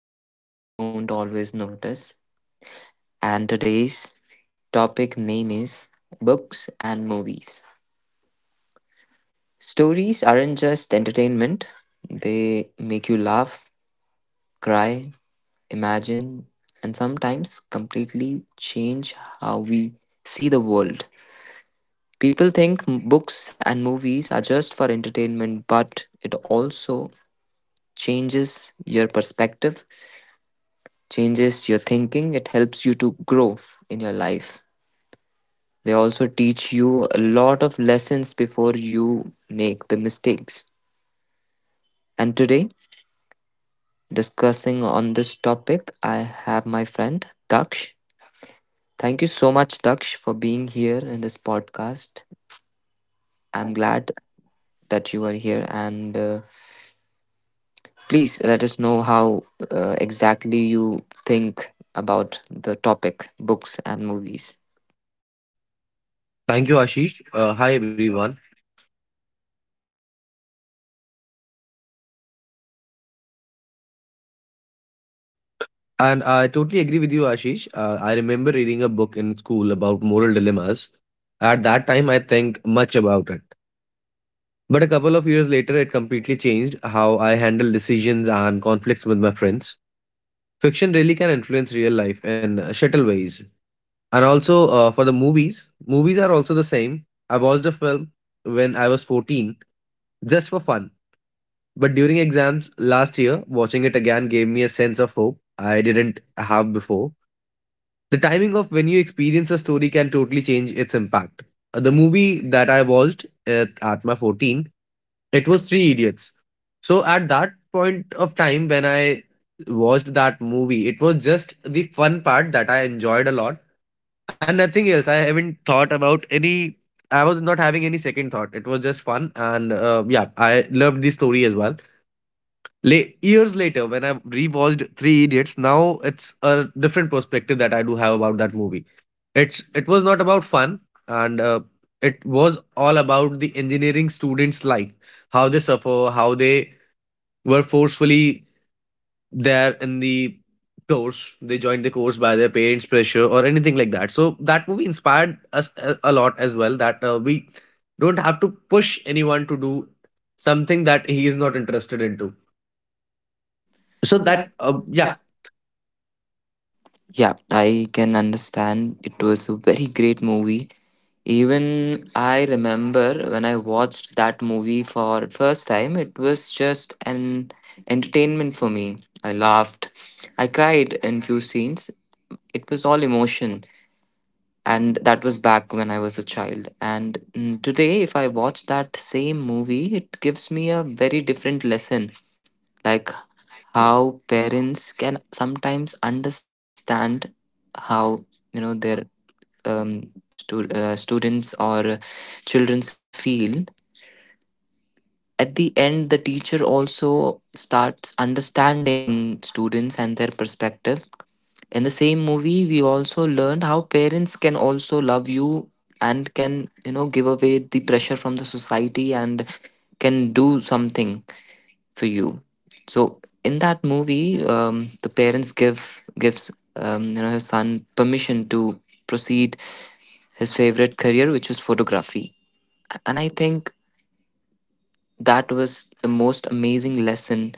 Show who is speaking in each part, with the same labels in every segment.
Speaker 1: in ways we don't always notice. And today's topic name is books and movies. Stories aren't just entertainment, they make you laugh, cry, imagine, and sometimes completely change how we see the world. People think books and movies are just for entertainment, but it also changes your perspective, changes your thinking. It helps you to grow in your life. They also teach you a lot of lessons before you make the mistakes. And today, discussing on this topic, I have my friend Daksh. Thank you so much, Daksh, for being here in this podcast. I'm glad that you are here, and please let us know how exactly you think about the topic books and movies.
Speaker 2: Thank you, Ashish. Hi, everyone. And I totally agree with you, Ashish. I remember reading a book in school about moral dilemmas. At that time, I think much about it. But a couple of years later, it completely changed how I handle decisions and conflicts with my friends. Fiction really can influence real life in subtle ways. And also, for the movies, movies are also the same. I watched a film when I was 14 just for fun. But during exams last year, watching it again gave me a sense of hope I didn't have before. The timing of when you experience a story can totally change its impact. The movie that I watched at my 14, it was Three Idiots. So at that point of time when I watched that movie, it was just the fun part that I enjoyed a lot and nothing else. I haven't thought about any. I was not having any second thought. It was just fun, and yeah, I loved the story as well late years later when I rewatched three idiots. Now it's a different perspective that I do have about that movie. It was not about fun, and it was all about the engineering students life, how they suffer, how they were forcefully there in the course. They joined the course by their parents pressure or anything like that, so that movie inspired us a lot as well, that we don't have to push anyone to do something that he is not interested into. So that yeah.
Speaker 1: Yeah, I can understand. It was a very great movie. Even I remember when I watched that movie for first time, it was just an entertainment for me. I laughed. I cried in few scenes. It was all emotion. And that was back when I was a child. And today, if I watch that same movie, it gives me a very different lesson, like how parents can sometimes understand how their students or children's feel. At the end, the teacher also starts understanding students and their perspective. In the same movie, we also learned how parents can also love you and can give away the pressure from the society and can do something for you. So in that movie, the parents gives her son permission to proceed his favorite career, which was photography. And I think that was the most amazing lesson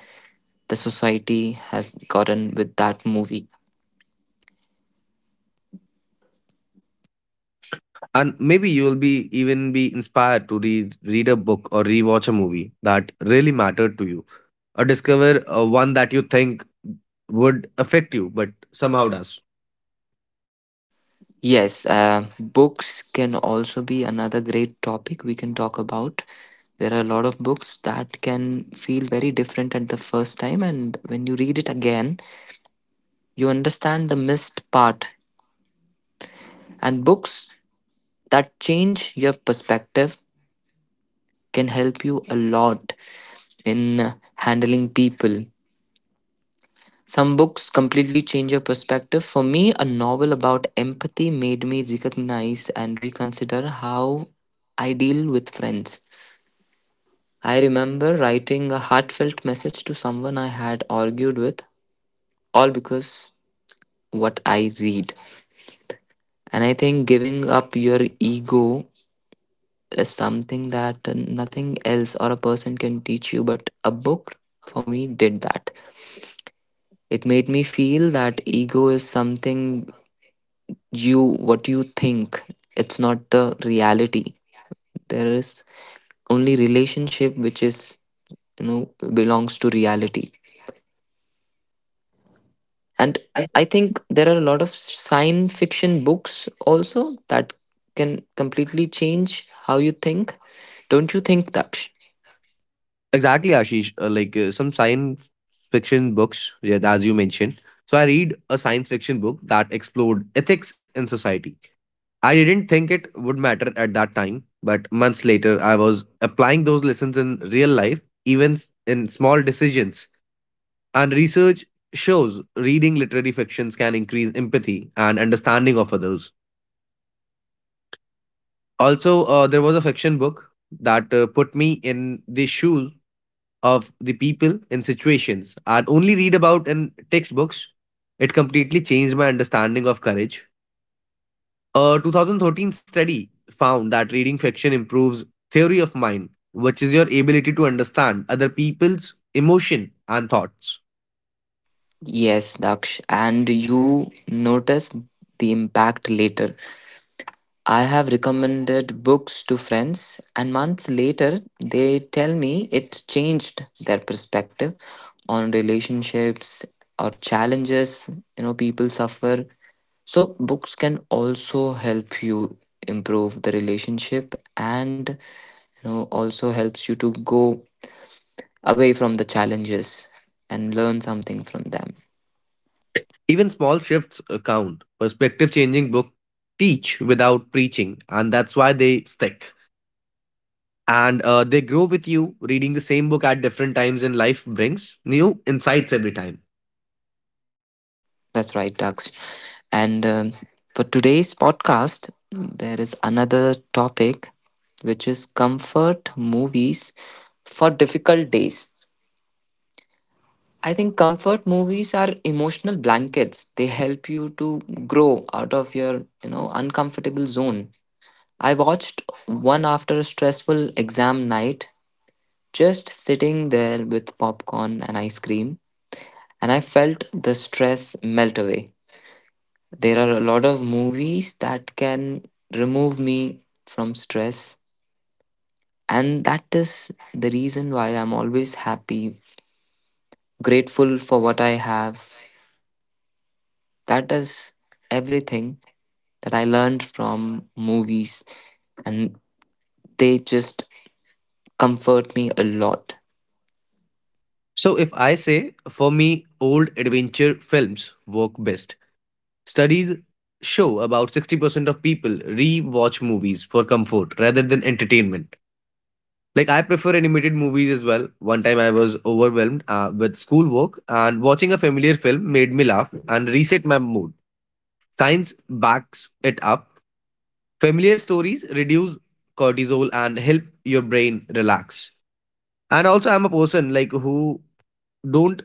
Speaker 1: the society has gotten with that movie.
Speaker 2: And maybe you will be even be inspired to read a book or rewatch a movie that really mattered to you, or discover one that you think would affect you but somehow does.
Speaker 1: Yes, books can also be another great topic we can talk about. There are a lot of books that can feel very different at the first time, and when you read it again, you understand the missed part. And books that change your perspective can help you a lot in handling people. Some books completely change your perspective. For me, a novel about empathy made me recognize and reconsider how I deal with friends. I remember writing a heartfelt message to someone I had argued with, all because what I read. And I think giving up your ego is something that nothing else or a person can teach you, but a book for me did that. It made me feel that ego is something you what you think, it's not the reality. There is only relationship which is, belongs to reality. And I think there are a lot of science fiction books also that can completely change how you think. Don't you think, Daksh?
Speaker 2: Exactly, Ashish. Like some science fiction books, yeah, as you mentioned. So I read a science fiction book that explored ethics in society. I didn't think it would matter at that time, but months later, I was applying those lessons in real life, even in small decisions. And research shows reading literary fictions can increase empathy and understanding of others. Also, there was a fiction book that put me in the shoes of the people in situations I'd only read about in textbooks. It completely changed my understanding of courage. A 2013 study found that reading fiction improves theory of mind, which is your ability to understand other people's emotion and thoughts.
Speaker 1: Yes, Daksh, and you notice the impact later. I have recommended books to friends, and months later, they tell me it changed their perspective on relationships or challenges people suffer. So, books can also help you improve the relationship and also helps you to go away from the challenges and learn something from them.
Speaker 2: Even small shifts count. Perspective changing book teach without preaching, and that's why they stick. And they grow with you. Reading the same book at different times in life brings new insights every time.
Speaker 1: That's right, Daksh. And for today's podcast, there is another topic which is comfort movies for difficult days. I think comfort movies are emotional blankets. They help you to grow out of your uncomfortable zone. I watched one after a stressful exam night, just sitting there with popcorn and ice cream, and I felt the stress melt away. There are a lot of movies that can remove me from stress, and that is the reason why I'm always happy, grateful for what I have. That is everything that I learned from movies, and they just comfort me a lot.
Speaker 2: So, if I say, for me, old adventure films work best. Studies show about 60% of people re watch movies for comfort rather than entertainment. Like I prefer animated movies as well. One time I was overwhelmed with schoolwork, and watching a familiar film made me laugh and reset my mood. Science backs it up. Familiar stories reduce cortisol and help your brain relax. And also I'm a person, don't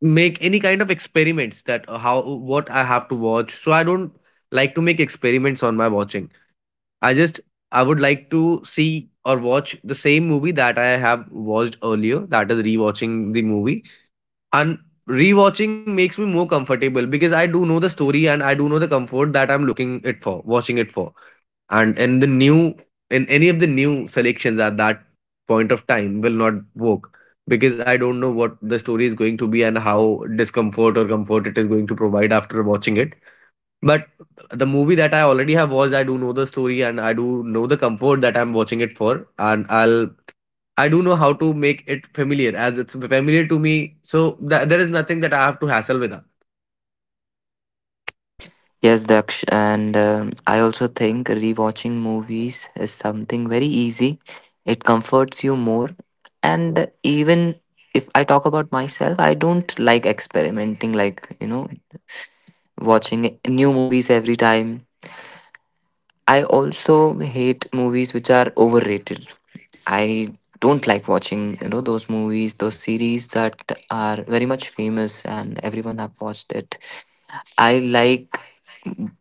Speaker 2: make any kind of experiments that how what I have to watch. So I don't like to make experiments on my watching. I just I would like to see or watch the same movie that I have watched earlier. That is rewatching the movie. And rewatching makes me more comfortable because I do know the story and I do know the comfort that I'm looking it for, watching it for. And in the new, in any of the new selections at that point of time will not work because I don't know what the story is going to be and how discomfort or comfort it is going to provide after watching it. But the movie that I already have watched, I do know the story and I do know the comfort that I'm watching it for, and I do know how to make it familiar as it's familiar to me. So there is nothing that I have to hassle with.
Speaker 1: Yes, Daksh, and I also think rewatching movies is something very easy. It comforts you more. And even if I talk about myself, I don't like experimenting, like, watching new movies every time. I also hate movies which are overrated. I don't like watching those movies, those series that are very much famous and everyone have watched it. I like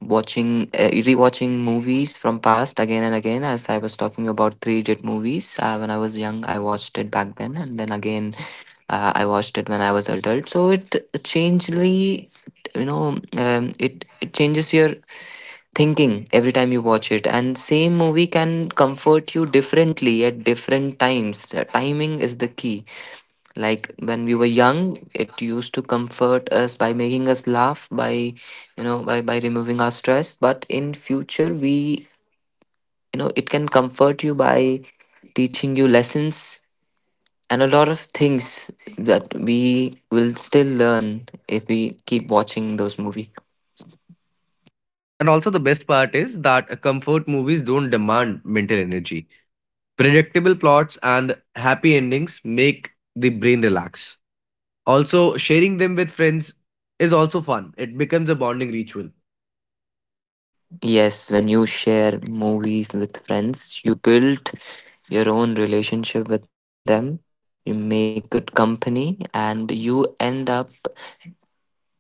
Speaker 1: watching rewatching movies from past again and again, as I was talking about Three Idiot movies. When I was young, I watched it back then, and then again, I watched it when I was adult. So it changely, you know it changes your thinking every time you watch it, and same movie can comfort you differently at different times. The timing is the key. Like when we were young, it used to comfort us by making us laugh, by you know, by removing our stress. But in future, it can comfort you by teaching you lessons and a lot of things that we will still learn if we keep watching those movies.
Speaker 2: And also, the best part is that comfort movies don't demand mental energy. Predictable plots and happy endings make the brain relax. Also, sharing them with friends is also fun. It becomes a bonding ritual.
Speaker 1: Yes, when you share movies with friends, you build your own relationship with them, you make good company, and you end up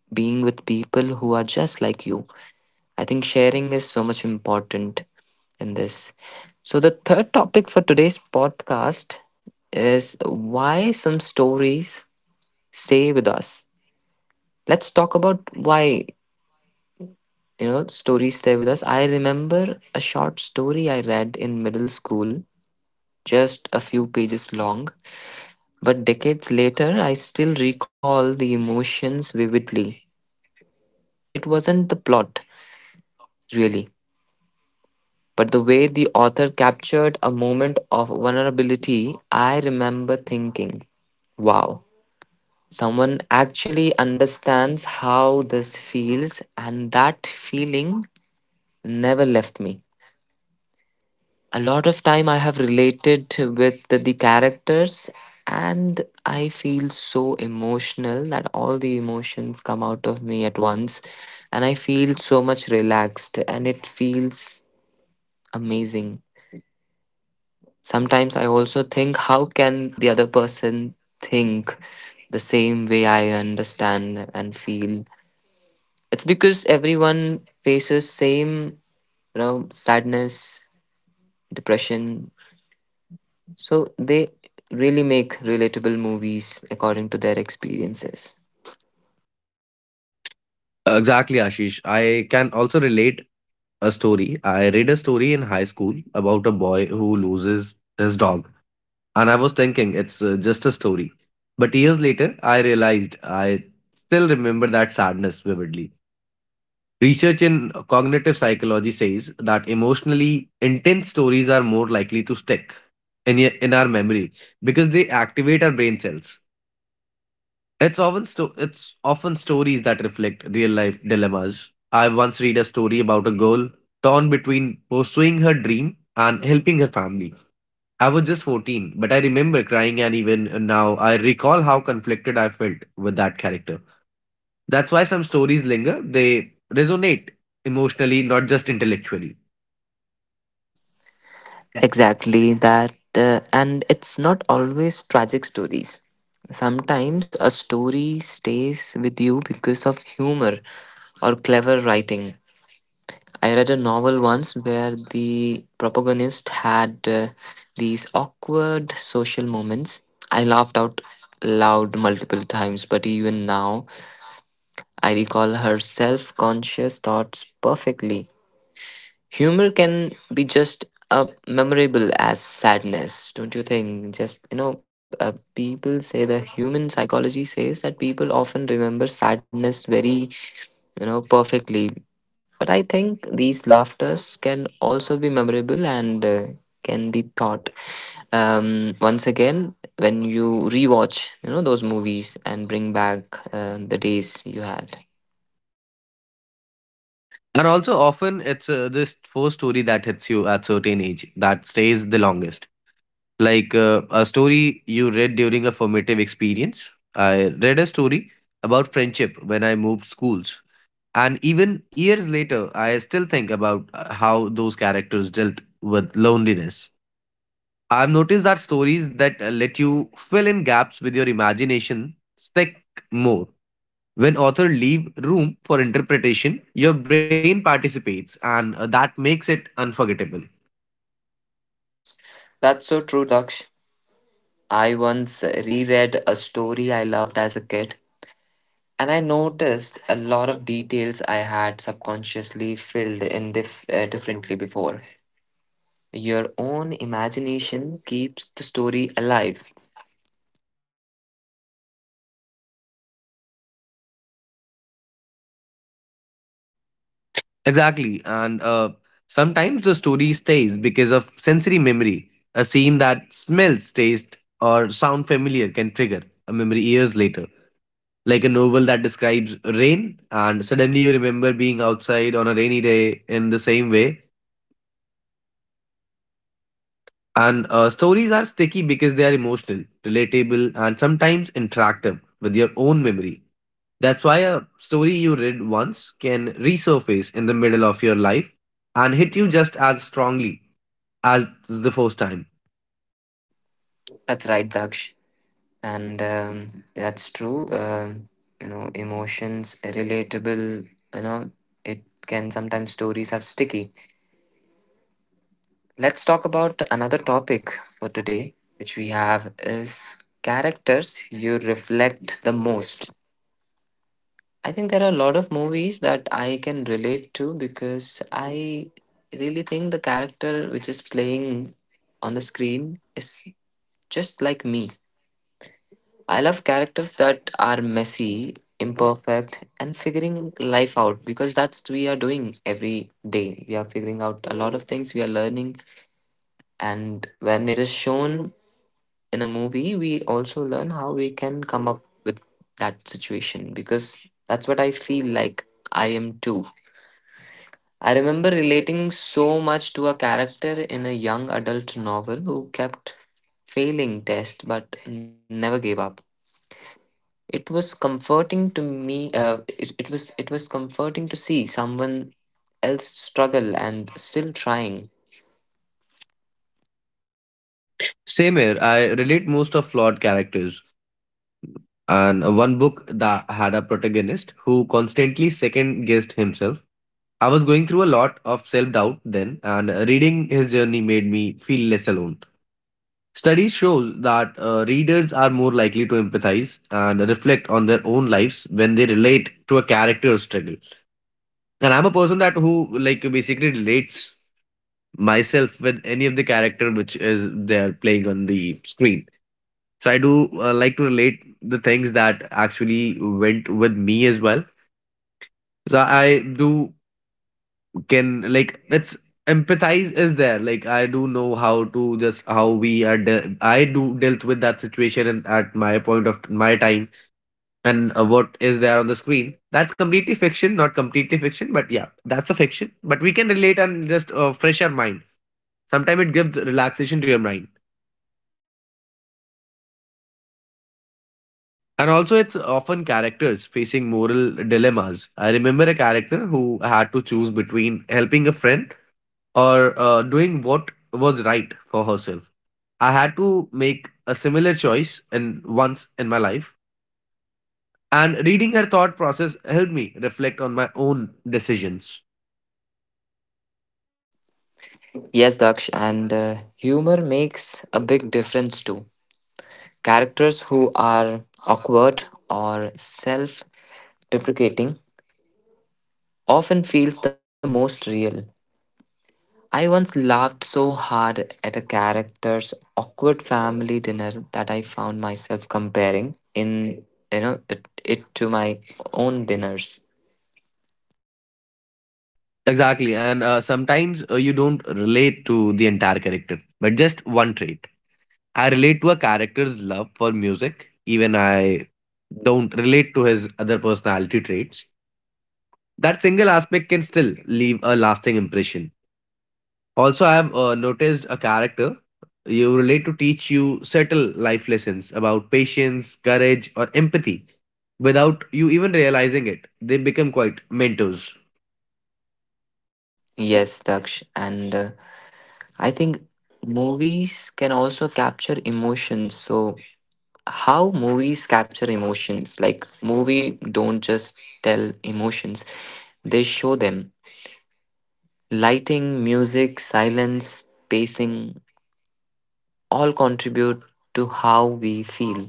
Speaker 1: being with people who are just like you. I think sharing is so much important in this. So, the third topic for today's podcast is why some stories stay with us. Let's talk about why stories stay with us. I remember a short story I read in middle school, just a few pages long, but decades later, I still recall the emotions vividly. It wasn't the plot, really. But the way the author captured a moment of vulnerability, I remember thinking, wow, someone actually understands how this feels, and that feeling never left me. A lot of time I have related with the characters, and I feel so emotional that all the emotions come out of me at once, and I feel so much relaxed, and it feels amazing. Sometimes I also think how can the other person think the same way I understand and feel. It's because everyone faces same, sadness, depression. So they really make relatable movies according to their experiences.
Speaker 2: Exactly, Ashish. I can also relate a story. I read a story in high school about a boy who loses his dog. And I was thinking it's just a story. But years later, I realized I still remember that sadness vividly. Research in cognitive psychology says that emotionally intense stories are more likely to stick in in our memory because they activate our brain cells. It's often, it's often stories that reflect real life dilemmas. I once read a story about a girl torn between pursuing her dream and helping her family. I was just 14, but I remember crying, and even now I recall how conflicted I felt with that character. That's why some stories linger, they resonate emotionally, not just intellectually. Yeah.
Speaker 1: Exactly that, and it's not always tragic stories. Sometimes a story stays with you because of humor or clever writing. I read a novel once where the protagonist had these awkward social moments. I laughed out loud multiple times, but even now I recall her self conscious thoughts perfectly. Humor can be just memorable as sadness, don't you think? Just, people say the human psychology says that people often remember sadness very perfectly. But I think these laughters can also be memorable and can be thought. Once again, when you rewatch those movies and bring back the days you had.
Speaker 2: And also, often it's this first story that hits you at certain age that stays the longest. Like a story you read during a formative experience. I read a story about friendship when I moved schools, and even years later, I still think about how those characters dealt with loneliness. I've noticed that stories that let you fill in gaps with your imagination stick more. When authors leave room for interpretation, your brain participates, and that makes it unforgettable.
Speaker 1: That's so true, Daksh. I once reread a story I loved as a kid, and I noticed a lot of details I had subconsciously filled in differently before. Your own imagination keeps the story alive.
Speaker 2: Exactly, and sometimes the story stays because of sensory memory. A scene that smells, taste, or sound familiar can trigger a memory years later. Like a novel that describes rain, and suddenly you remember being outside on a rainy day in the same way. And stories are sticky because they are emotional, relatable, and sometimes interactive with your own memory. That's why a story you read once can resurface in the middle of your life and hit you just as strongly as the first time.
Speaker 1: That's right, Daksh. And that's true. Emotions, relatable, you know, it can sometimes stories are sticky. Let's talk about another topic for today, which we have is characters you reflect the most. I think there are a lot of movies that I can relate to because I really think the character which is playing on the screen is just like me. I love characters that are messy, imperfect, and figuring life out because that's we are doing every day. We are figuring out a lot of things, we are learning, and when it is shown in a movie, we also learn how we can come up with that situation because that's what I feel like I am too. I remember relating so much to a character in a young adult novel who kept failing tests but never gave up. It was comforting to me. It was comforting to see someone else struggle and still trying.
Speaker 2: Same here, I relate most of flawed characters. And one book that had a protagonist who constantly second guessed himself. I was going through a lot of self doubt then, and reading his journey made me feel less alone. Studies show that readers are more likely to empathize and reflect on their own lives when they relate to a character's struggle. And I'm a person that who like basically relates myself with any of the character which is they're playing on the screen. So I do like to relate the things that actually went with me as well. So I do can like it's empathize is there, like I do know how to just how we are I do dealt with that situation in, at my point of my time, and what is there on the screen, that's completely fiction, not completely fiction, but yeah, that's a fiction, but we can relate and just fresh our mind. Sometimes it gives relaxation to your mind. And also it's often characters facing moral dilemmas. I remember a character who had to choose between helping a friend or doing what was right for herself. I had to make a similar choice in once in my life, and reading her thought process helped me reflect on my own decisions.
Speaker 1: Yes, Daksh, and humor makes a big difference too. Characters who are awkward or self deprecating often feels the most real. I once laughed so hard at a character's awkward family dinner that I found myself comparing in it to my own dinners.
Speaker 2: Exactly, and sometimes you don't relate to the entire character, but just one trait. I relate to a character's love for music, even I don't relate to his other personality traits. That single aspect can still leave a lasting impression. Also, I have noticed a character you relate to teach you subtle life lessons about patience, courage, or empathy without you even realizing it. They become quite mentors.
Speaker 1: Yes, Daksh. And I think movies can also capture emotions. So, how movies capture emotions? Like, movie don't just tell emotions, they show them. Lighting, music, silence, pacing all contribute to how we feel.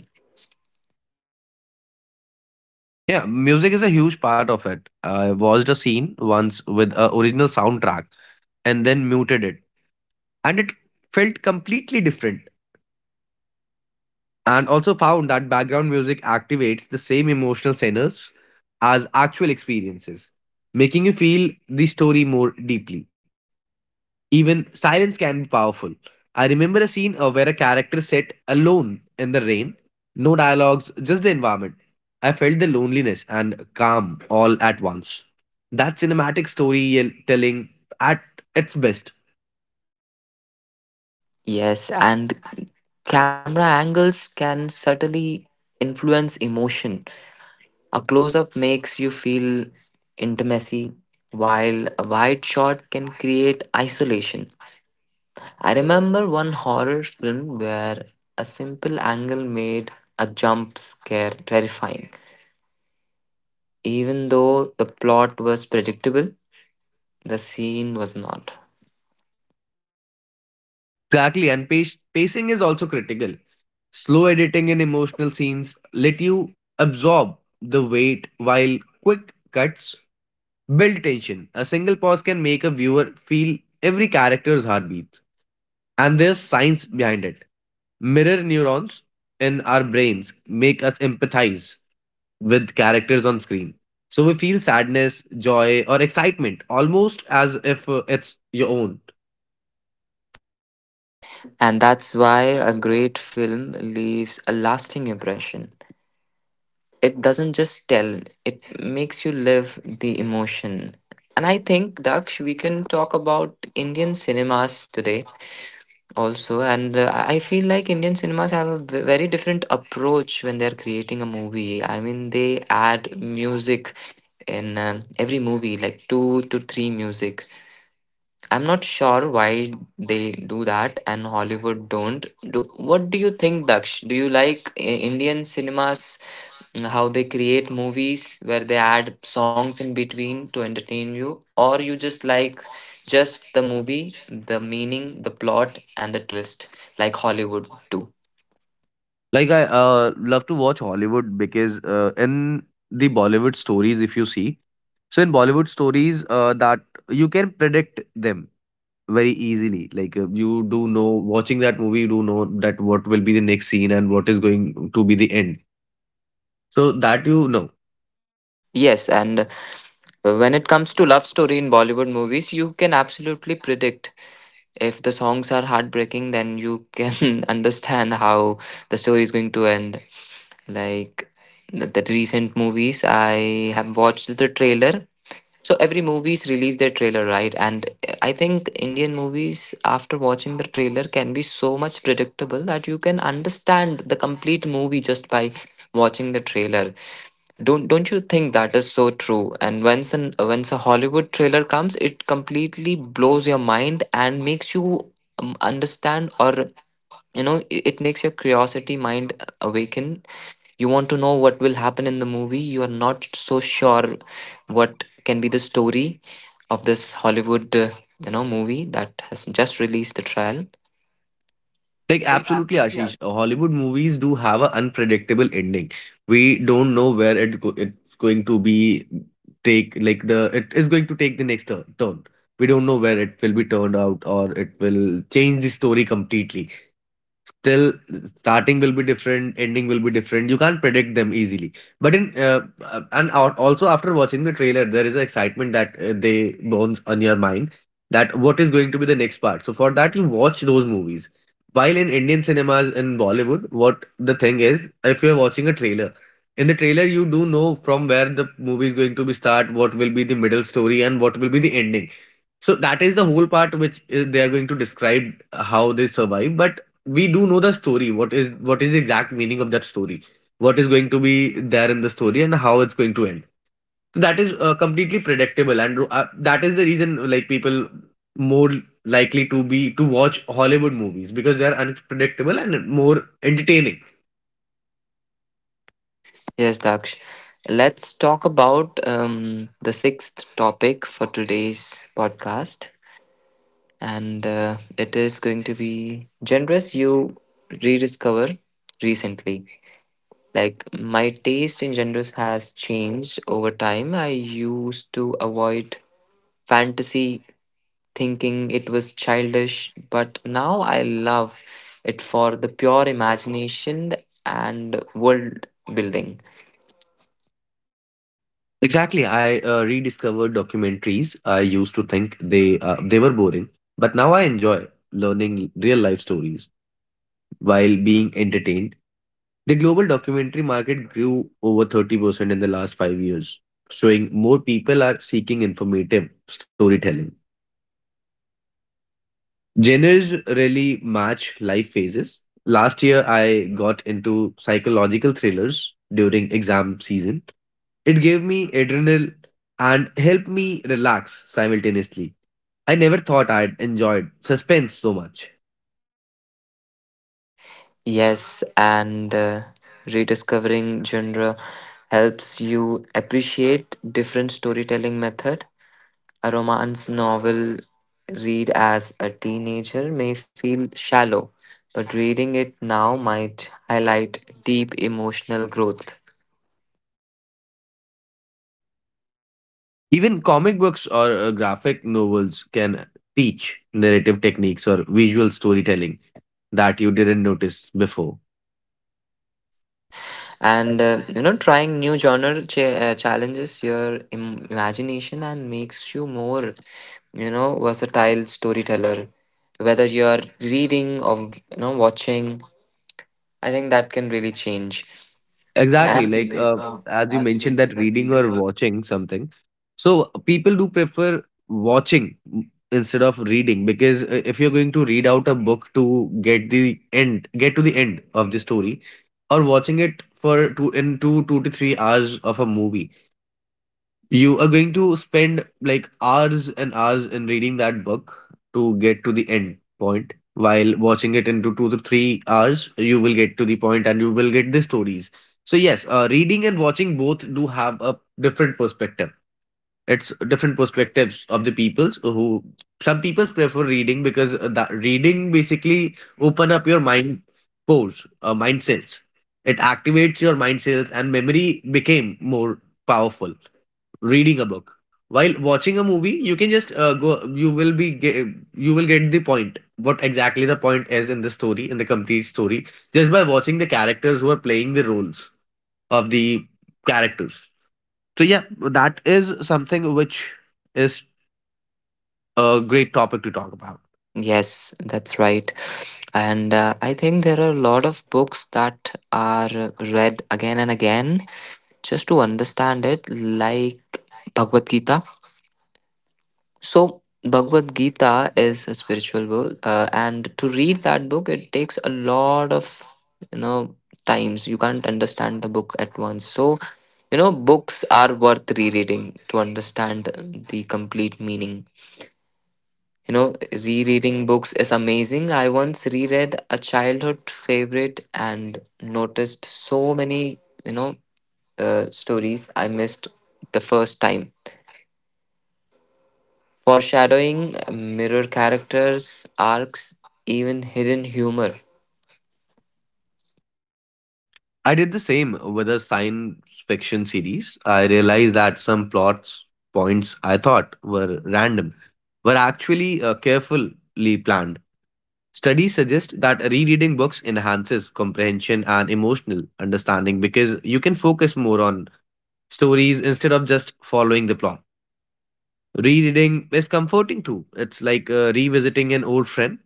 Speaker 2: Yeah, music is a huge part of it. I watched a scene once with a original soundtrack and then muted it, and it felt completely different. And also found that background music activates the same emotional centers as actual experiences, making you feel the story more deeply. Even silence can be powerful. I remember a scene where a character sat alone in the rain, no dialogues, just the environment. I felt the loneliness and calm all at once. That cinematic storytelling at its best.
Speaker 1: Yes, and camera angles can subtly influence emotion. A close up makes you feel intimacy, while a wide shot can create isolation. I remember one horror film where a simple angle made a jump scare terrifying. Even though the plot was predictable, the scene was not.
Speaker 2: Exactly, and pacing is also critical. Slow editing in emotional scenes let you absorb the weight, while quick cuts build tension. A single pause can make a viewer feel every character's heartbeat. And there's science behind it. Mirror neurons in our brains make us empathize with characters on screen. So we feel sadness, joy, or excitement almost as if it's your own.
Speaker 1: And that's why a great film leaves a lasting impression. It doesn't just tell, it makes you live the emotion. And I think, Daksh, we can talk about Indian cinemas today also. And I feel like Indian cinemas have a very different approach when they're creating a movie. I mean, they add music in every movie, like two to three music. I'm not sure why they do that and Hollywood don't. Do, what do you think, Daksh? Do you like Indian cinemas and how they create movies where they add songs in between to entertain you, or you just like just the movie, the meaning, the plot and the twist like hollywood do?
Speaker 2: Like I love to watch Hollywood because in the Bollywood stories, if you see, so in Bollywood stories, that you can predict them very easily. You do know, watching that movie, you do know that what will be the next scene and what is going to be the end. So that you know,
Speaker 1: Yes, and when it comes to love story in bollywood movies, you can absolutely predict. If the songs are heartbreaking, then you can understand how the story is going to end, like the recent movies I have watched the trailer. So every movies release their trailer, right? And I think Indian movies, after watching the trailer, can be so much predictable that you can understand the complete movie just by watching the trailer. Don't you think that is so true? And once a Hollywood trailer comes, it completely blows your mind and makes you understand, or you know it it makes your curiosity mind awaken. You want to know what will happen in the movie. You are not so sure what can be the story of this Hollywood, you know, movie that has just released the trial.
Speaker 2: like absolutely, Ashish. Hollywood movies do have an unpredictable ending. We don't know where it it's going to be take, like, the it is going to take the next turn. We don't know where it will be turned out or it will change the story completely. Still, starting will be different, ending will be different, you can't predict them easily, but also after watching the trailer there is an excitement that they burns on your mind, that what is going to be the next part, so for that you watch those movies. While in Indian cinemas, in Bollywood, what the thing is, if you're watching a trailer, in the trailer you do know from where the movie is going to be start, what will be the middle story, and what will be the ending. So that is the whole part which is, they are going to describe how they survive. But we do know the story. What is the exact meaning of that story? What is going to be there in the story and how it's going to end? So that is completely predictable, and that is the reason like people more likely to be to watch Hollywood movies because they are unpredictable and more entertaining.
Speaker 1: Yes, Daksh. Let's talk about the sixth topic for today's podcast, and it is going to be genres you rediscover recently. Like my taste in genres has changed over time. I used to avoid fantasy thinking it was childish, but now I love it for the pure imagination and world building.
Speaker 2: Exactly, I rediscovered documentaries. I used to think they were boring, but now I enjoy learning real life stories while being entertained. The global documentary market grew over 30% in the last 5 years, showing more people are seeking informative storytelling. Genres really match life phases. Last year, I got into psychological thrillers during exam season. It gave me adrenaline and helped me relax simultaneously. I never thought I'd enjoyed suspense so much.
Speaker 1: Yes, and rediscovering genre helps you appreciate different storytelling method. A romance novel read as a teenager may feel shallow, but reading it now might highlight deep emotional growth.
Speaker 2: Even comic books or graphic novels can teach narrative techniques or visual storytelling that you didn't notice before.
Speaker 1: And you know, trying new genre challenges your imagination and makes you more, you know, versatile storyteller, whether you're reading or you know watching. I think that can really change. And
Speaker 2: Exactly,
Speaker 1: Exactly. Like
Speaker 2: as you
Speaker 1: as you
Speaker 2: mentioned
Speaker 1: mentioned
Speaker 2: that
Speaker 1: that
Speaker 2: reading
Speaker 1: reading
Speaker 2: or
Speaker 1: a
Speaker 2: watching something. So people do prefer watching instead of reading because if you're going to read out a book to get the end, get to the end of the story, or watching it for two in two two to three hours of a movie. You are going to spend like hours and hours in reading that book to get to the end point. While watching it into 2 to 3 hours, you will get to the point and you will get the stories. So, yes, reading and watching both do have a different perspective. It's different perspectives of the peoples who, some people prefer reading because that reading basically open up your mind pores, mind cells. It activates your mind cells and memory became more powerful reading a book. While watching a movie you can just go, you will be get, you will get the point what exactly the point is in the story, in the complete story, just by watching the characters who are playing the roles of the characters. So yeah, that is something which is a great topic to talk about.
Speaker 1: Yes, that's right. And I think there are a lot of books that are read again and again just to understand it, like Bhagavad Gita. So, Bhagavad Gita is a spiritual book, and to read that book, it takes a lot of, you know, times. You can't understand the book at once. So, you know, books are worth rereading to understand the complete meaning. You know, rereading books is amazing. I once reread a childhood favorite and noticed so many, you know, stories I missed the first time. Foreshadowing, mirror characters, arcs, even hidden humor.
Speaker 2: I did the same with a science fiction series. I realized that some plots points I thought were random were actually carefully planned. Studies suggest that rereading books enhances comprehension and emotional understanding because you can focus more on stories instead of just following the plot. Rereading is comforting too. It's like revisiting an old friend.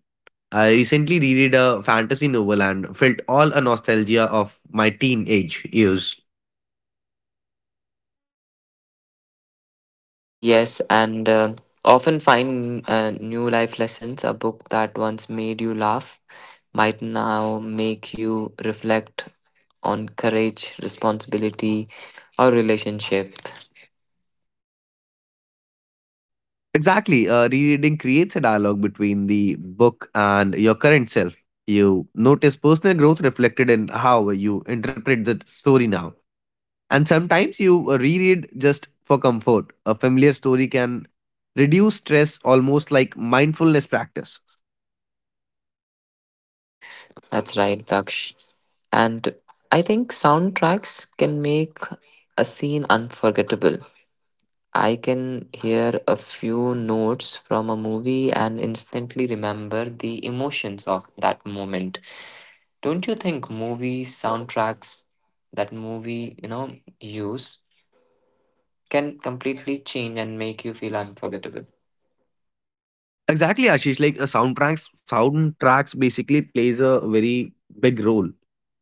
Speaker 2: I recently reread a fantasy novel and felt all a nostalgia of my teenage years.
Speaker 1: Yes, and often find new life lessons. A book that once made you laugh might now make you reflect on courage, responsibility, or relationship.
Speaker 2: Exactly, rereading creates a dialogue between the book and your current self. You notice personal growth reflected in how you interpret the story now. And sometimes you reread just for comfort. A familiar story can reduce stress almost like mindfulness practice.
Speaker 1: That's right, Daksh. And I think soundtracks can make a scene unforgettable. I can hear a few notes from a movie and instantly remember the emotions of that moment. Don't you think movie soundtracks that movie, you know, use can completely change and make you feel unforgettable?
Speaker 2: Exactly, Ashish. Like a soundtracks basically plays a very big role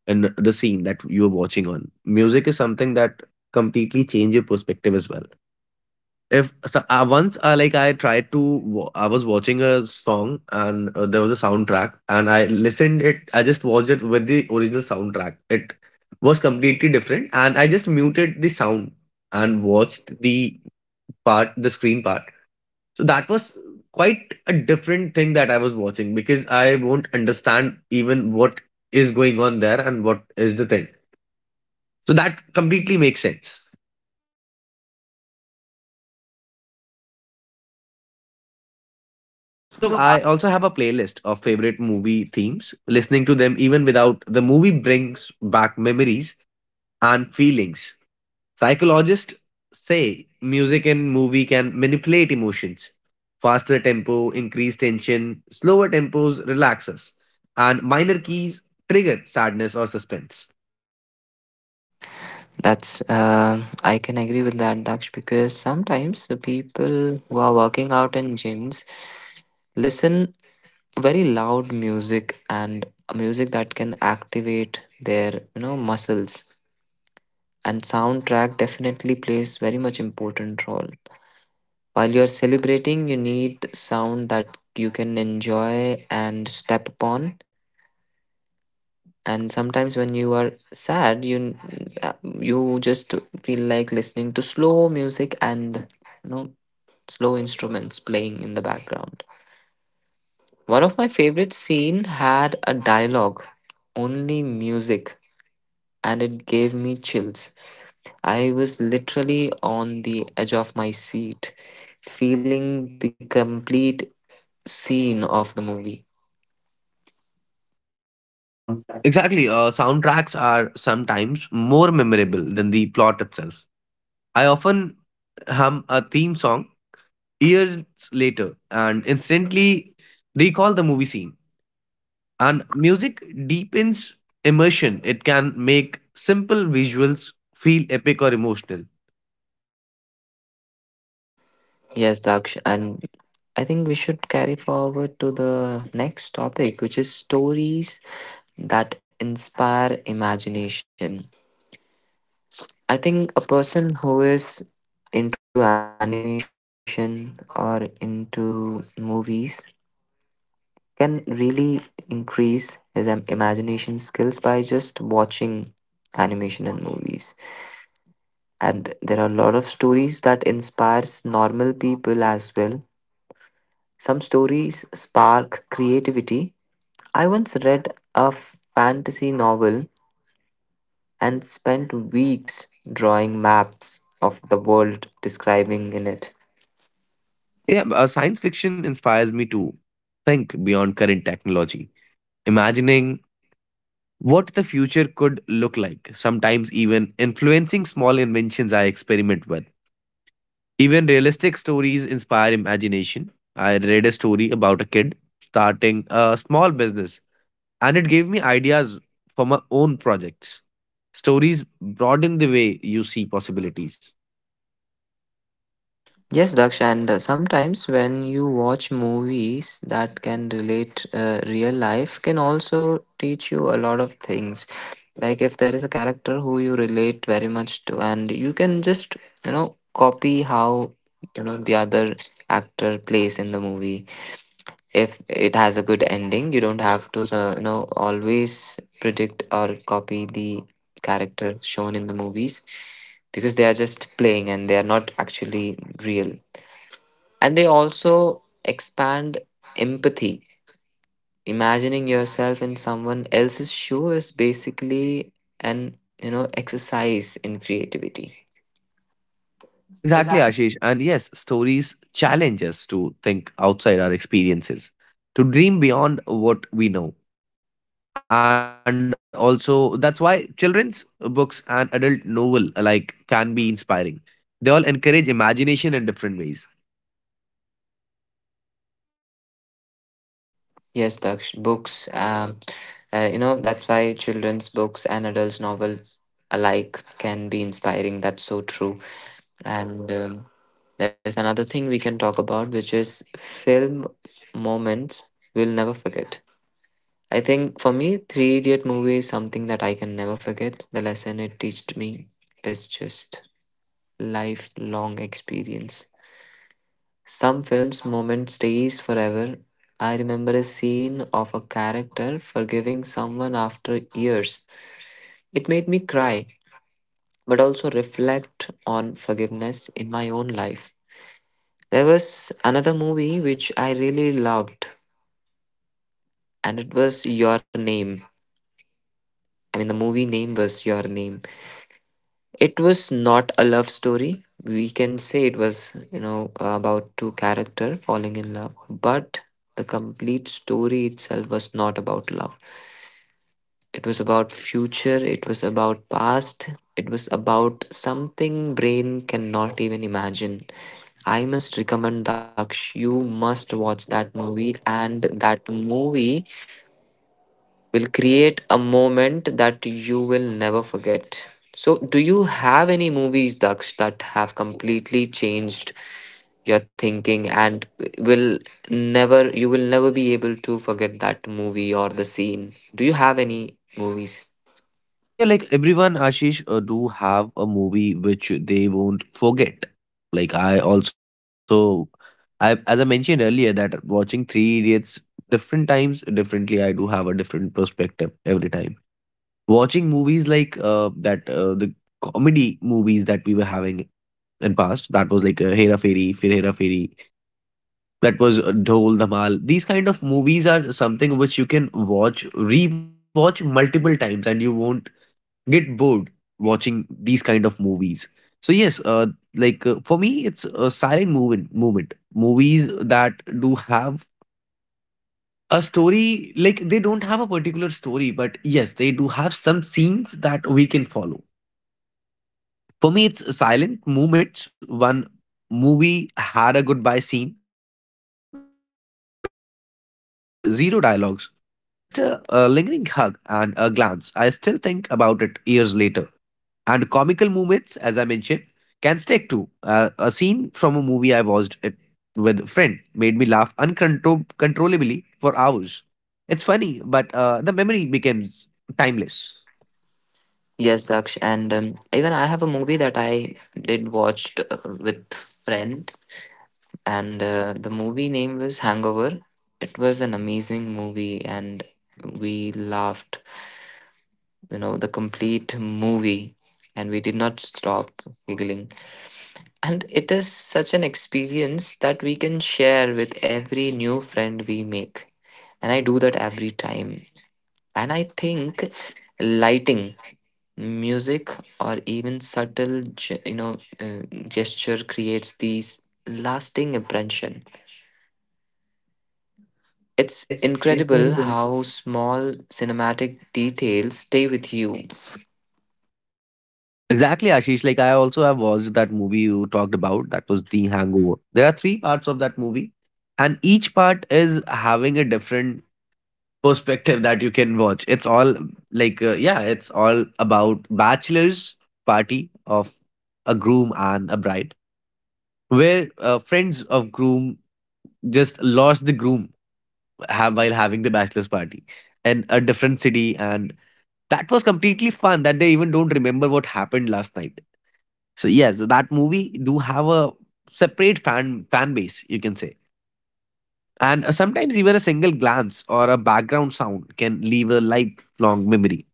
Speaker 2: in the scene that you're watching on. Music is something that completely change your perspective as well. If so, once, like I tried to, I was watching a song and there was a soundtrack, and I listened it. I just watched it with the original soundtrack. It was completely different, and I just muted the sound and watched the part, the screen part. So that was quite a different thing that I was watching because I won't understand even what is going on there and what is the thing. So that completely makes sense. So
Speaker 1: So I-
Speaker 2: I also have a playlist of favorite movie themes. Listening to them even without the movie brings back memories and feelings. Psychologists say music and movie can manipulate emotions. Faster tempo increase tension, slower tempos relax us, and minor keys trigger sadness or suspense.
Speaker 1: That's I can agree with that, Daksh, because sometimes the people who are working out in gyms listen very loud music, and music that can activate their, you know, muscles. And soundtrack definitely plays very much important role. While you're celebrating, you need sound that you can enjoy and step upon. And sometimes when you are sad, you uh, you just feel like listening to slow music and, you know, slow instruments playing in the background. One of my favorite scene had a dialogue, only music, and it gave me chills. I was literally on the edge of my seat, feeling the complete scene of the movie.
Speaker 2: Exactly, soundtracks are sometimes more memorable than the plot itself. I often hum a theme song years later and instantly recall the movie scene. And music deepens immersion, it can make simple visuals feel epic or emotional.
Speaker 1: Yes, Daksh, and I think we should carry forward to the next topic, which is stories that inspire imagination. I think a person who is into animation or into movies can really increase his imagination skills by just watching animation and movies. And there are a lot of stories that inspires normal people as well. Some stories spark creativity. I once read a fantasy novel and spent weeks drawing maps of the world describing in it.
Speaker 2: Yeah, science fiction inspires me to think beyond current technology, imagining what the future could look like, sometimes even influencing small inventions I experiment with. Even realistic stories inspire imagination. I read a story about a kid starting a small business and it gave me ideas for my own projects. Stories broaden the way you see possibilities.
Speaker 1: Yes, daksha and sometimes when you watch movies that can relate real life can also teach you a lot of things. Like if there is a character who you relate very much to, and you can just, you know, copy how, you know, the other actor plays in the movie. If it has a good ending, you don't have to, you know, always predict or copy the character shown in the movies, because they are just playing and they are not actually real. And they also expand empathy. Imagining yourself in someone else's shoe is basically an, you know, exercise in creativity.
Speaker 2: Exactly,
Speaker 1: Exactly.
Speaker 2: Ashish. And yes, stories challenge us to think outside our experiences, to dream beyond what we know. And also, that's why children's books and adult novel alike can be inspiring. They all encourage imagination in different ways.
Speaker 1: Yes Daksh, books you know, that's why children's books and adults novel alike can be inspiring, that's so true. And there's another thing we can talk about, which is film moments we'll never forget. I think for me Three Idiot movie is something that I can never forget. The lesson it taught me is just lifelong experience. Some films' moment stays forever. I remember a scene of a character forgiving someone after years. It made me cry, but also reflect on forgiveness in my own life. There was another movie which I really loved, and it was Your Name. I mean, the movie name was Your Name. It was not a love story. We can say it was, you know, about two character falling in love, but the complete story itself was not about love. It was about future, it was about past, it was about something brain cannot even imagine. I must recommend Daksh, you must watch that movie, and that movie will create a moment that you will never forget. So, do you have any movies, Daksh, that have completely changed your thinking and will never, you will never be able to forget that movie or the scene? Do you have any movies?
Speaker 2: Yeah, like everyone, Ashish, do have a movie which they won't forget. Like I also, I as I mentioned earlier that watching Three Idiots different times differently, I do have a different perspective every time. Watching movies like that, the comedy movies that we were having in past, that was like Hera Fairy, that was Dhol Dhamal. These kind of movies are something which you can watch, rewatch multiple times, and you won't get bored watching these kind of movies. So yes, for me, it's a silent movement. Movement movies that do have a story. Like they don't have a particular story, but yes, they do have some scenes that we can follow. For me, it's silent movements. One movie had a goodbye scene with zero dialogues. Just a lingering hug and a glance. I still think about it years later. And comical moments, as I mentioned, can stick too. A scene from a movie I watched it with a friend made me laugh uncontrollably for hours. It's funny, but the memory becomes timeless.
Speaker 1: Yes, Daksh, and even I have a movie that I did watched with friend, and the movie name was Hangover. It was an amazing movie, and we laughed, you know, the complete movie, and we did not stop giggling. And it is such an experience that we can share with every new friend we make, and I do that every time. And I think lighting, music, or even subtle you know, gesture creates these lasting impression. It's
Speaker 2: It's
Speaker 1: incredible
Speaker 2: incredible.
Speaker 1: how small cinematic details stay with you.
Speaker 2: Exactly, Ashish. Like I also have watched that movie you talked about. That was The Hangover. There are three parts of that movie, and each part is having a different perspective that you can watch. It's all like, yeah, it's all about bachelor's party of a groom and a bride, where friends of groom just lost the groom while having the bachelor's party in a different city, and that was completely fun that they even don't remember what happened last night. So yes, that movie do have a separate fan base, you can say. And sometimes even a single glance or a background sound can leave a lifelong memory.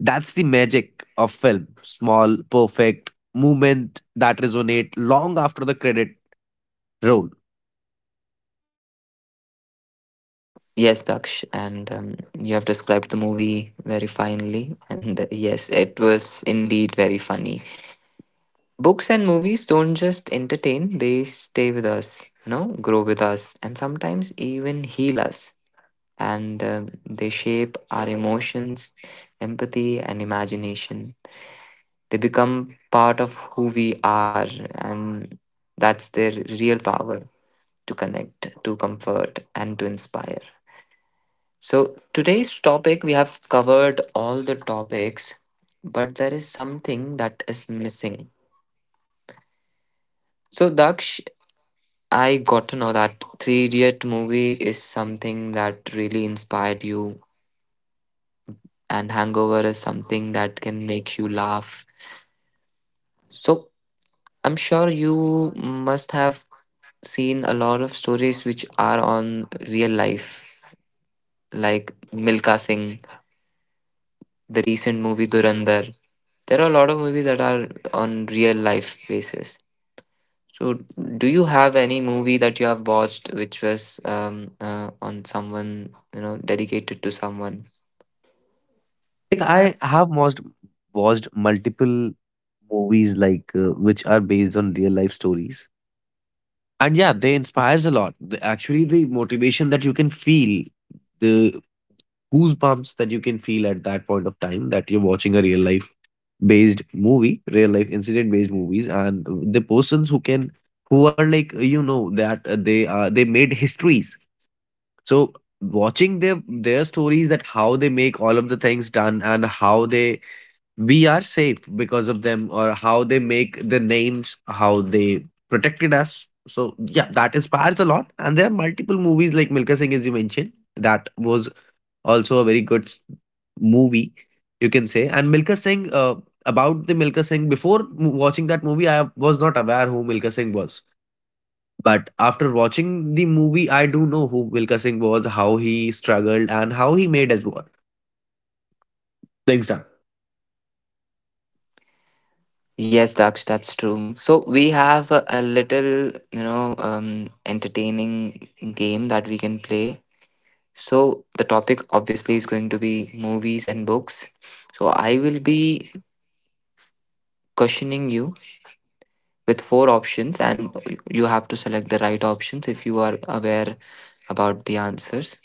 Speaker 2: That's the magic of film. Small, perfect movement that resonate long after the credit roll.
Speaker 1: Yes, Daksh, and you have described the movie very finely. And yes, it was indeed very funny. Books and movies don't just entertain, they stay with us, you know, grow with us, and sometimes even heal us. And they shape our emotions, empathy, and imagination. They become part of who we are, and that's their real power to connect, to comfort, and to inspire. So, today's topic, we have covered all the topics, but there is something that is missing. So, Daksh, I got to know that Three Idiot movie is something that really inspired you, and Hangover is something that can make you laugh. So, I'm sure you must have seen a lot of stories which are on real life, like Milka Singh, the recent movie Durandar. There are a lot of movies that are on real life basis. So, do you have any movie that you have watched which was on someone, you know, dedicated to someone?
Speaker 2: Like I have watched multiple movies like which are based on real life stories, and yeah, they inspires a lot. The- actually, the motivation that you can feel, the goosebumps that you can feel at that point of time, that you're watching a real life based movie, real life incident based movies, and the persons who can, who are like, you know, that they are, they made histories. So watching their stories, that how they make all of the things done, and how they, we are safe because of them, or how they make the names, how they protected us. So yeah, that inspires a lot, and there are multiple movies like Milka Singh, as you mentioned. That was also a very good movie, you can say. And Milka Singh, about the Milka Singh, before watching that movie I was not aware who Milka Singh was, but after watching the movie I do know who Milka Singh was, how he struggled and how he made his work things done.
Speaker 1: Yes, Daksh, that's true. So, we have a little, you know, entertaining game that we can play. So, the topic obviously is going to be movies and books. So, I will be questioning you with four options, and you have to select the right options if you are aware about the answers.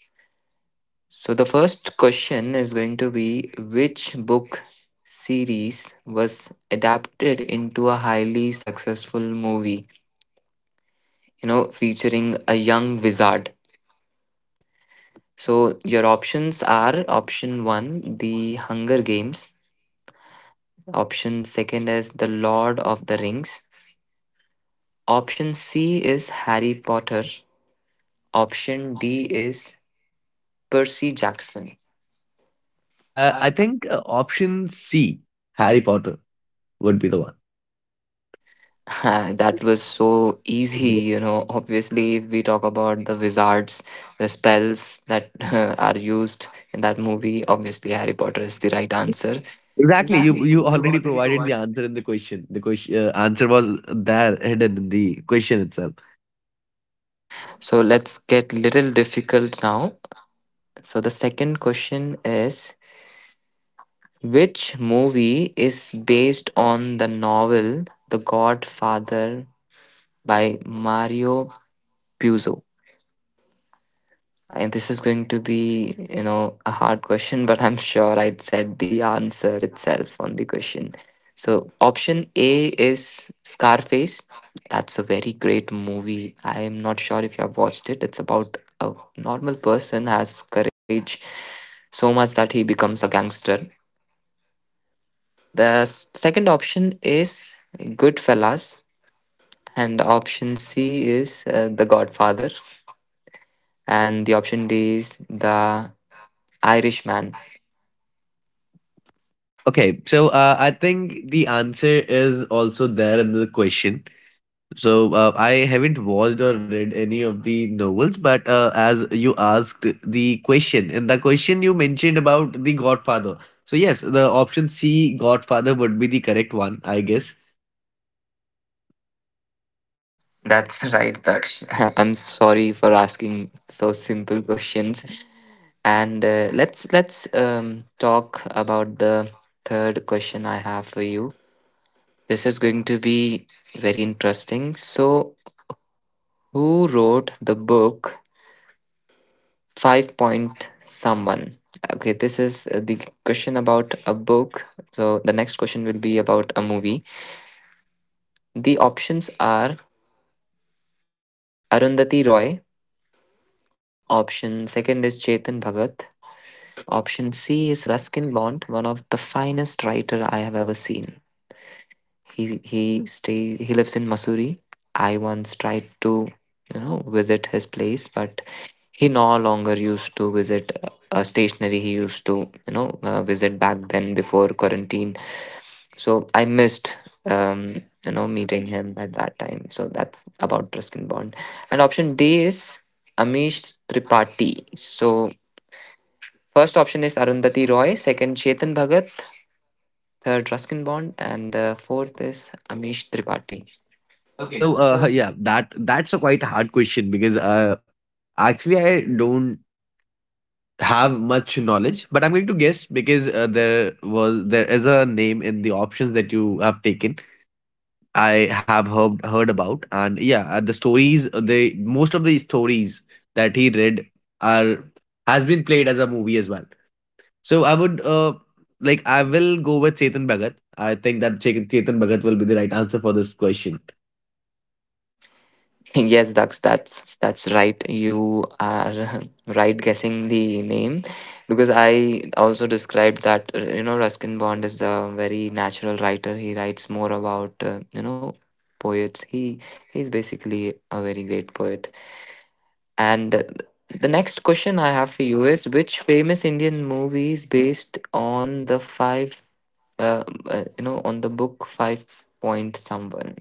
Speaker 1: So the first question is going to be: which book series was adapted into a highly successful movie, you know, featuring a young wizard? So your options are option 1 The Hunger Games, option second is The Lord of the Rings, option C is Harry Potter, option D is Percy Jackson.
Speaker 2: I think option C, Harry Potter, would be the one.
Speaker 1: That was so easy, you know. Obviously, if we talk about the wizards, the spells that are used in that movie, obviously Harry Potter is the right answer.
Speaker 2: Exactly, you
Speaker 1: Exactly,
Speaker 2: you
Speaker 1: you
Speaker 2: already
Speaker 1: already
Speaker 2: provided
Speaker 1: provided.
Speaker 2: the answer in the question. The question answer was there hidden in the question itself.
Speaker 1: So let's get little difficult now. So the second question is: which movie is based on the novel The Godfather by Mario Puzo? And this is going to be, you know, a hard question, but I'm sure I would said the answer itself on the question. So, option A is Scarface. That's a very great movie. I am not sure if you have watched it. It's about a normal person has courage so much that he becomes a gangster. The second option is Goodfellas, and option C is The Godfather, and the option D is The Irishman.
Speaker 2: Uh, Okay, so I think the answer is also there in the question. I haven't watched or read any of the novels, but as you asked the question, in the question you mentioned about the Godfather. So yes, the option C, Godfather, would be the correct one, I guess.
Speaker 1: That's right, Daksh. I'm sorry for asking so simple questions. And let's talk about the third question I have for you. This is going to be very interesting. So, who wrote the book Five Point Someone? Okay, this is the question about a book. So, the next question will be about a movie. The options are Arundhati Roy. Option second is Chetan Bhagat. Option C is Ruskin Bond, one of the finest writer I have ever seen. He lives in Missouri. I once tried to visit his place, but he no longer used to visit a stationery. He used to visit back then before quarantine. So I missed um, meeting him at that time. So that's about Ruskin Bond. And option D is Amish Tripathi. So first option is Arundhati Roy, second Chetan Bhagat, third Ruskin Bond, and fourth is Amish Tripathi. Okay, so
Speaker 2: Yeah, that's a quite hard question because actually I don't have much knowledge, but I'm going to guess because there is a name in the options that you have taken. I have heard about, and yeah, the stories they most of the stories that he read are has been played as a movie as well. So I would I will go with Chetan Bhagat. I think that Chetan Bhagat will be the right answer for this question.
Speaker 1: yes, Dax, that's right. You are right guessing the name because I also described that Ruskin Bond is a very natural writer. He writes more about poets. He's basically a very great poet. And the next question I have for you is which famous Indian movie is based on the five, you know, on the book Five Point Someone?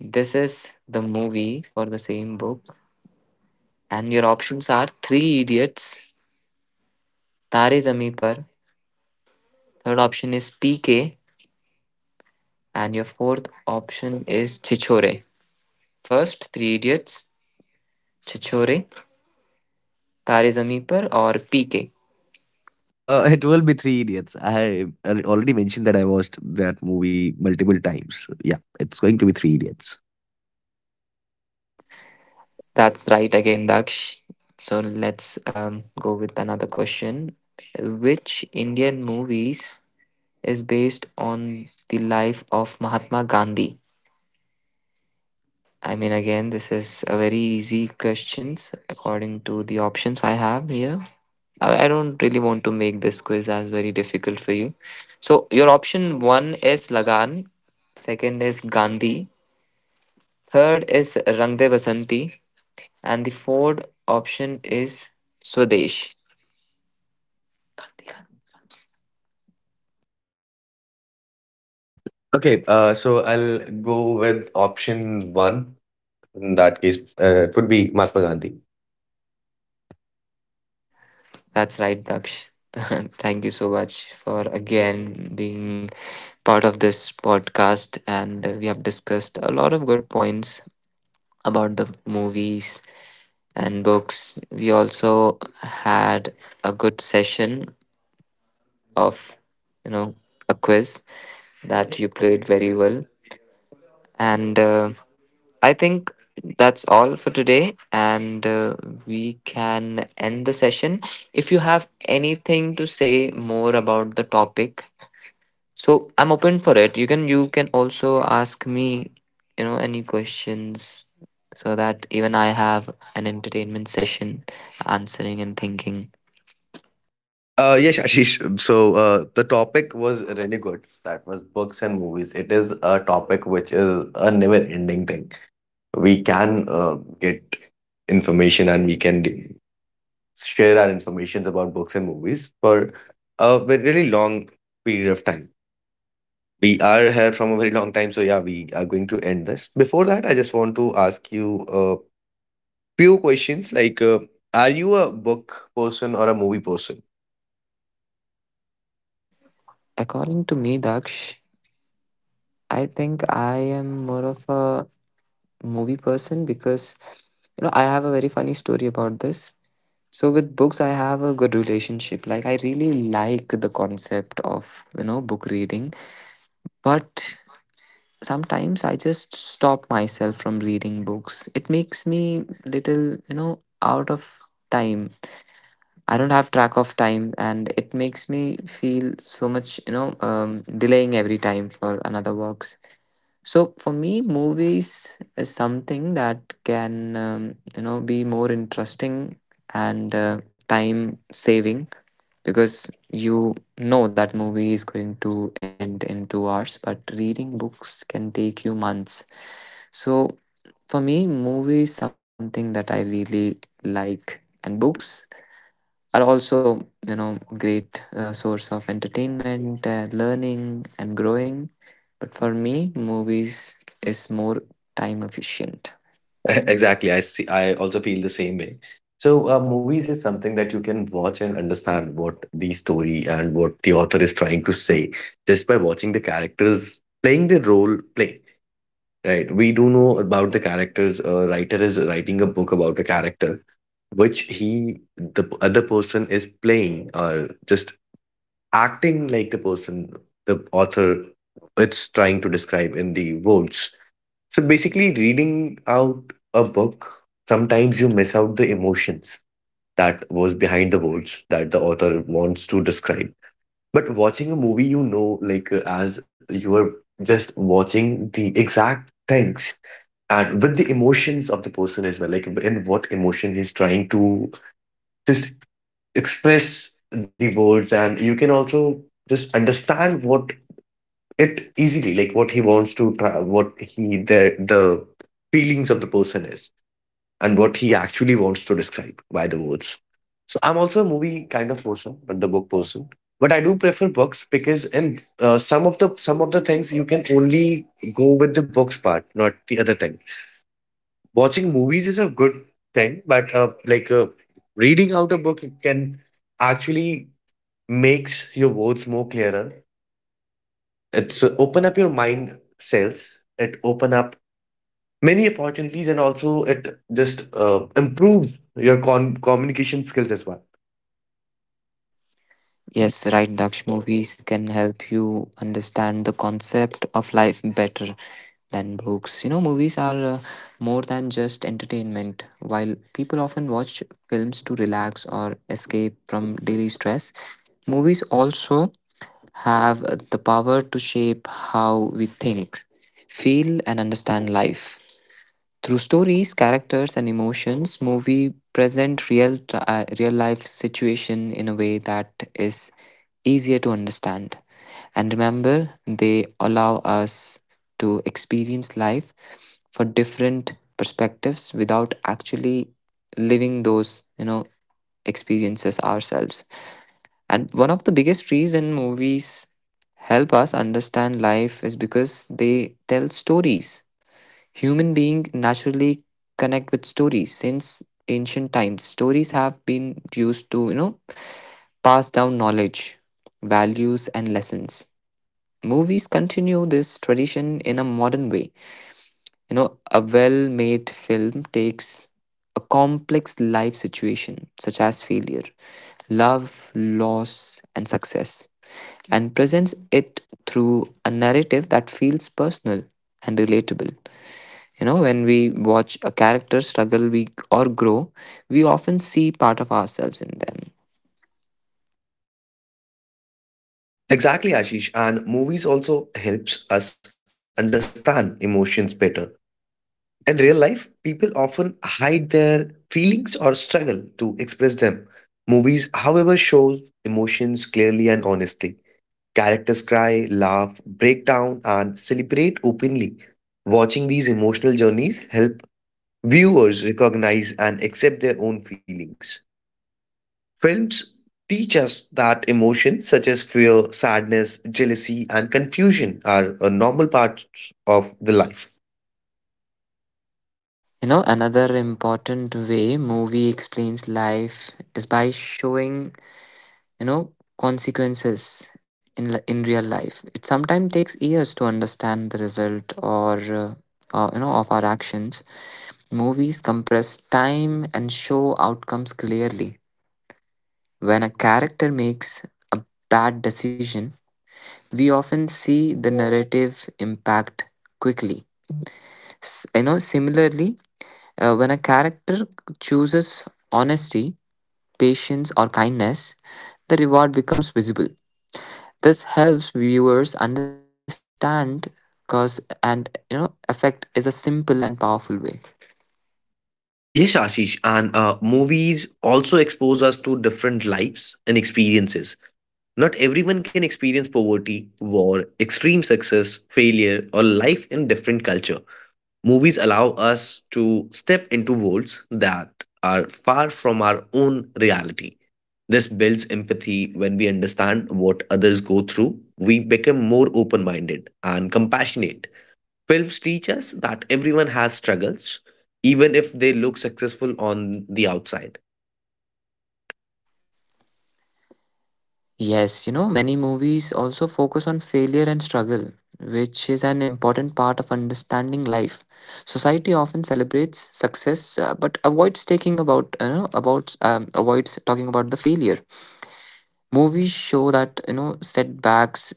Speaker 1: This is the movie for the same book. And your options are Three Idiots, Tare Zameen Par. Third option is PK. And your fourth option is Chichore. First, Three Idiots, Chichore, Tare Zameen Par, or PK.
Speaker 2: It will be Three Idiots. I already mentioned that I watched that movie multiple times. Yeah, it's going to be Three Idiots.
Speaker 1: That's right again, Daksh. So let's go with another question. Which Indian movies is based on the life of Mahatma Gandhi? I mean, again, this is a very easy questions according to the options I have here. I don't really want to make this quiz as very difficult for you. So your option one is Lagan, second is Gandhi, third is Rang De Basanti, and the fourth option is Swadesh.
Speaker 2: Okay, so I'll go with option one. In that case, it would be Mahatma Gandhi.
Speaker 1: That's right, Daksh. Thank you so much for again being part of this podcast. And we have discussed a lot of good points about the movies and books. We also had a good session of, you know, a quiz that you played very well. And I think that's all for today, and we can end the session. If you have anything to say more about the topic, so I'm open for it. You can also ask me, any questions so that even I have an entertainment session answering and thinking.
Speaker 2: Yes, Ashish. So the topic was really good. That was books and movies. It is a topic which is a never-ending thing. We can get information and we can share our informations about books and movies for a really long period of time. We are here from a very long time, so yeah, we are going to end this. Before that, I just want to ask you. Few questions like are you a book person or a movie person?
Speaker 1: According to me, Daksh, I think I am more of a movie person because I have a very funny story about this. So with books, I have a good relationship. Like I really like the concept of book reading, but sometimes I just stop myself from reading books. It makes me little out of time. I don't have track of time, and it makes me feel so much delaying every time for another works. So for me, movies is something that can be more interesting and time saving because that movie is going to end in 2 hours, but reading books can take you months. So for me, movie is something that I really like, and books are also you know great source of entertainment, learning and growing, but for me movies is more time efficient.
Speaker 2: Exactly. I see. I also feel the same way. So, movies is something that you can watch and understand what the story and what the author is trying to say just by watching the characters playing the role play, right? We do know about the characters. A writer is writing a book about a character, which he, the other person is playing or just acting like the person the author it's trying to describe in the words, so basically, reading out a book, sometimes you miss out the emotions that was behind the words that the author wants to describe. But watching a movie, you know, like as you are just watching the exact things and with the emotions of the person as well, like in what emotion he's trying to just express the words, and you can also just understand what it easily, like what he wants to, try, what he the feelings of the person is and what he actually wants to describe by the words. So I'm also a movie kind of person, but the book person. But I do prefer books because in some of the things you can only go with the books part, not the other thing. Watching movies is a good thing, but reading out a book can actually makes your words more clearer. It's open up your mind cells. It open up many opportunities and also it just improves your communication skills as well.
Speaker 1: Yes, right, Daksh. Movies can help you understand the concept of life better than books. Movies are more than just entertainment. While people often watch films to relax or escape from daily stress, movies also have the power to shape how we think, feel, and understand life. Through stories, characters, and emotions, movie present real life situation in a way that is easier to understand. And remember, they allow us to experience life for different perspectives without actually living those experiences ourselves. And one of the biggest reason movies help us understand life is because they tell stories. Human being naturally connect with stories since ancient times. Stories have been used to, pass down knowledge, values and lessons. Movies continue this tradition in a modern way. A well-made film takes a complex life situation such as failure, love, loss and success, and presents it through a narrative that feels personal and relatable. When we watch a character struggle, we, or grow, we often see part of ourselves in them.
Speaker 2: Exactly, Ashish. And movies also helps us understand emotions better. In real life, people often hide their feelings or struggle to express them. Movies, however, shows emotions clearly and honestly. Characters cry, laugh, break down, and celebrate openly. Watching these emotional journeys help viewers recognize and accept their own feelings. Films teach us that emotions such as fear, sadness, jealousy, and confusion are a normal part of the life.
Speaker 1: Another important way movie explains life is by showing, you know, consequences in real life. It sometimes takes years to understand the result or of our actions. Movies compress time and show outcomes clearly. When a character makes a bad decision, we often see the narrative impact quickly. Similarly, when a character chooses honesty, patience, or kindness, the reward becomes visible. This helps viewers understand cause and effect is a simple and powerful way.
Speaker 2: Yes, Ashish, and movies also expose us to different lives and experiences. Not everyone can experience poverty, war, extreme success, failure, or life in different culture. Movies allow us to step into worlds that are far from our own reality. This builds empathy when we understand what others go through. We become more open minded and compassionate. Films teach us that everyone has struggles, even if they look successful on the outside.
Speaker 1: Yes, many movies also focus on failure and struggle, which is an important part of understanding life. Society often celebrates success, but avoids taking about you know about avoids talking about the failure. Movies show that setbacks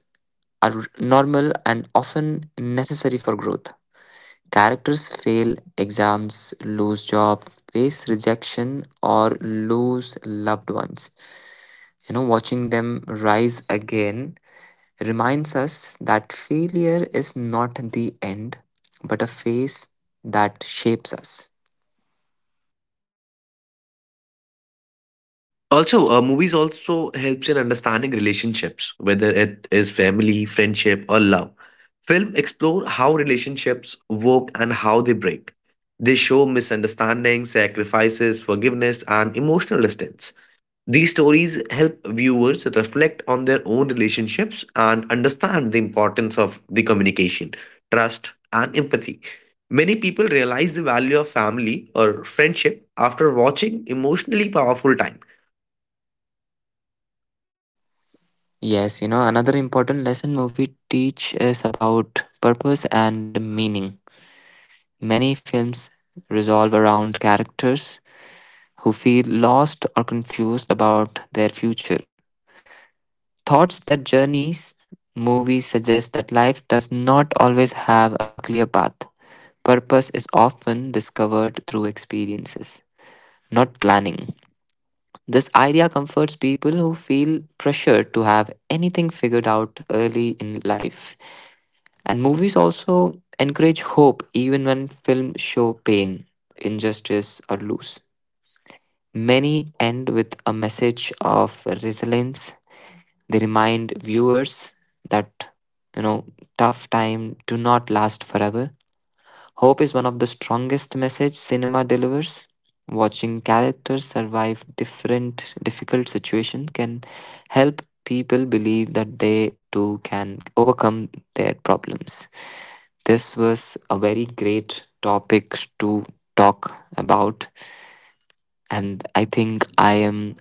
Speaker 1: are normal and often necessary for growth. Characters fail exams, lose job, face rejection, or lose loved ones. Watching them rise again reminds us that failure is not the end, but a phase that shapes us.
Speaker 2: Also, movies also helps in understanding relationships, whether it is family, friendship, or love. Film explore how relationships work and how they break. They show misunderstandings, sacrifices, forgiveness, and emotional distance. These stories help viewers reflect on their own relationships and understand the importance of the communication, trust, and empathy. Many people realize the value of family or friendship after watching emotionally powerful time.
Speaker 1: Yes, another important lesson movie teach is about purpose and meaning. Many films resolve around characters who feel lost or confused about their future. Thoughts that journeys movies suggest that life does not always have a clear path. Purpose is often discovered through experiences, not planning. This idea comforts people who feel pressured to have anything figured out early in life. And movies also encourage hope even when films show pain, injustice, or loss. Many end with a message of resilience. They remind viewers that, you know, tough time do not last forever. Hope is one of the strongest message cinema delivers. Watching characters survive different difficult situations can help people believe that they too can overcome their problems. This was a very great topic to talk about, and I think I am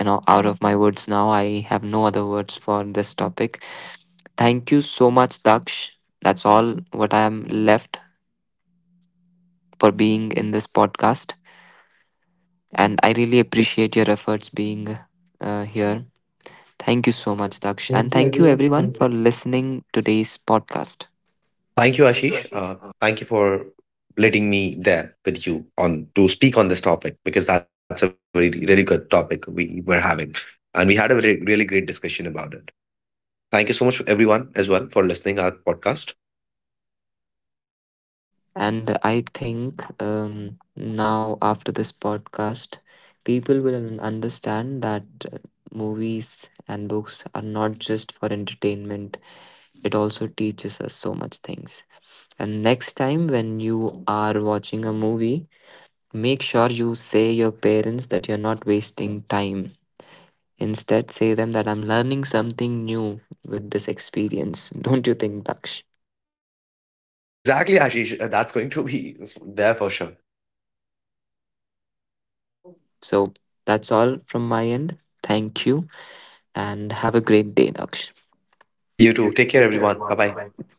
Speaker 1: out of my words now. I have no other words for this topic. Thank you so much, Daksh. That's all what I am left for being in this podcast. And I really appreciate your efforts being here. Thank you so much, Daksh. And
Speaker 2: Thank you
Speaker 1: thank you,
Speaker 2: everyone for
Speaker 1: everyone, for
Speaker 2: the.
Speaker 1: listening today's podcast.
Speaker 2: Thank you,
Speaker 1: Thank you,
Speaker 2: Ashish.
Speaker 1: Ashish.
Speaker 2: Thank you for letting me there with you on to speak on this topic because that's a very really good topic we were having, and we had a really great discussion about it. Thank you so much, everyone, as well, for listening our podcast.
Speaker 1: And I think now, after this podcast, people will understand that uh, movies and books are not just for entertainment, it also teaches us so much things. And next time, when you are watching a movie, make sure you say your parents that you're not wasting time. Instead, say them that I'm learning something new with this experience. Don't you think, Daksh?
Speaker 2: Exactly, Ashish. That's going to be there for sure.
Speaker 1: So that's all from my end. Thank you and have a great day, Daksh.
Speaker 2: You
Speaker 1: You
Speaker 2: too.
Speaker 1: too.
Speaker 2: Take care,
Speaker 1: Take care,
Speaker 2: everyone.
Speaker 1: everyone.
Speaker 2: Bye
Speaker 1: Bye
Speaker 2: bye.
Speaker 1: bye.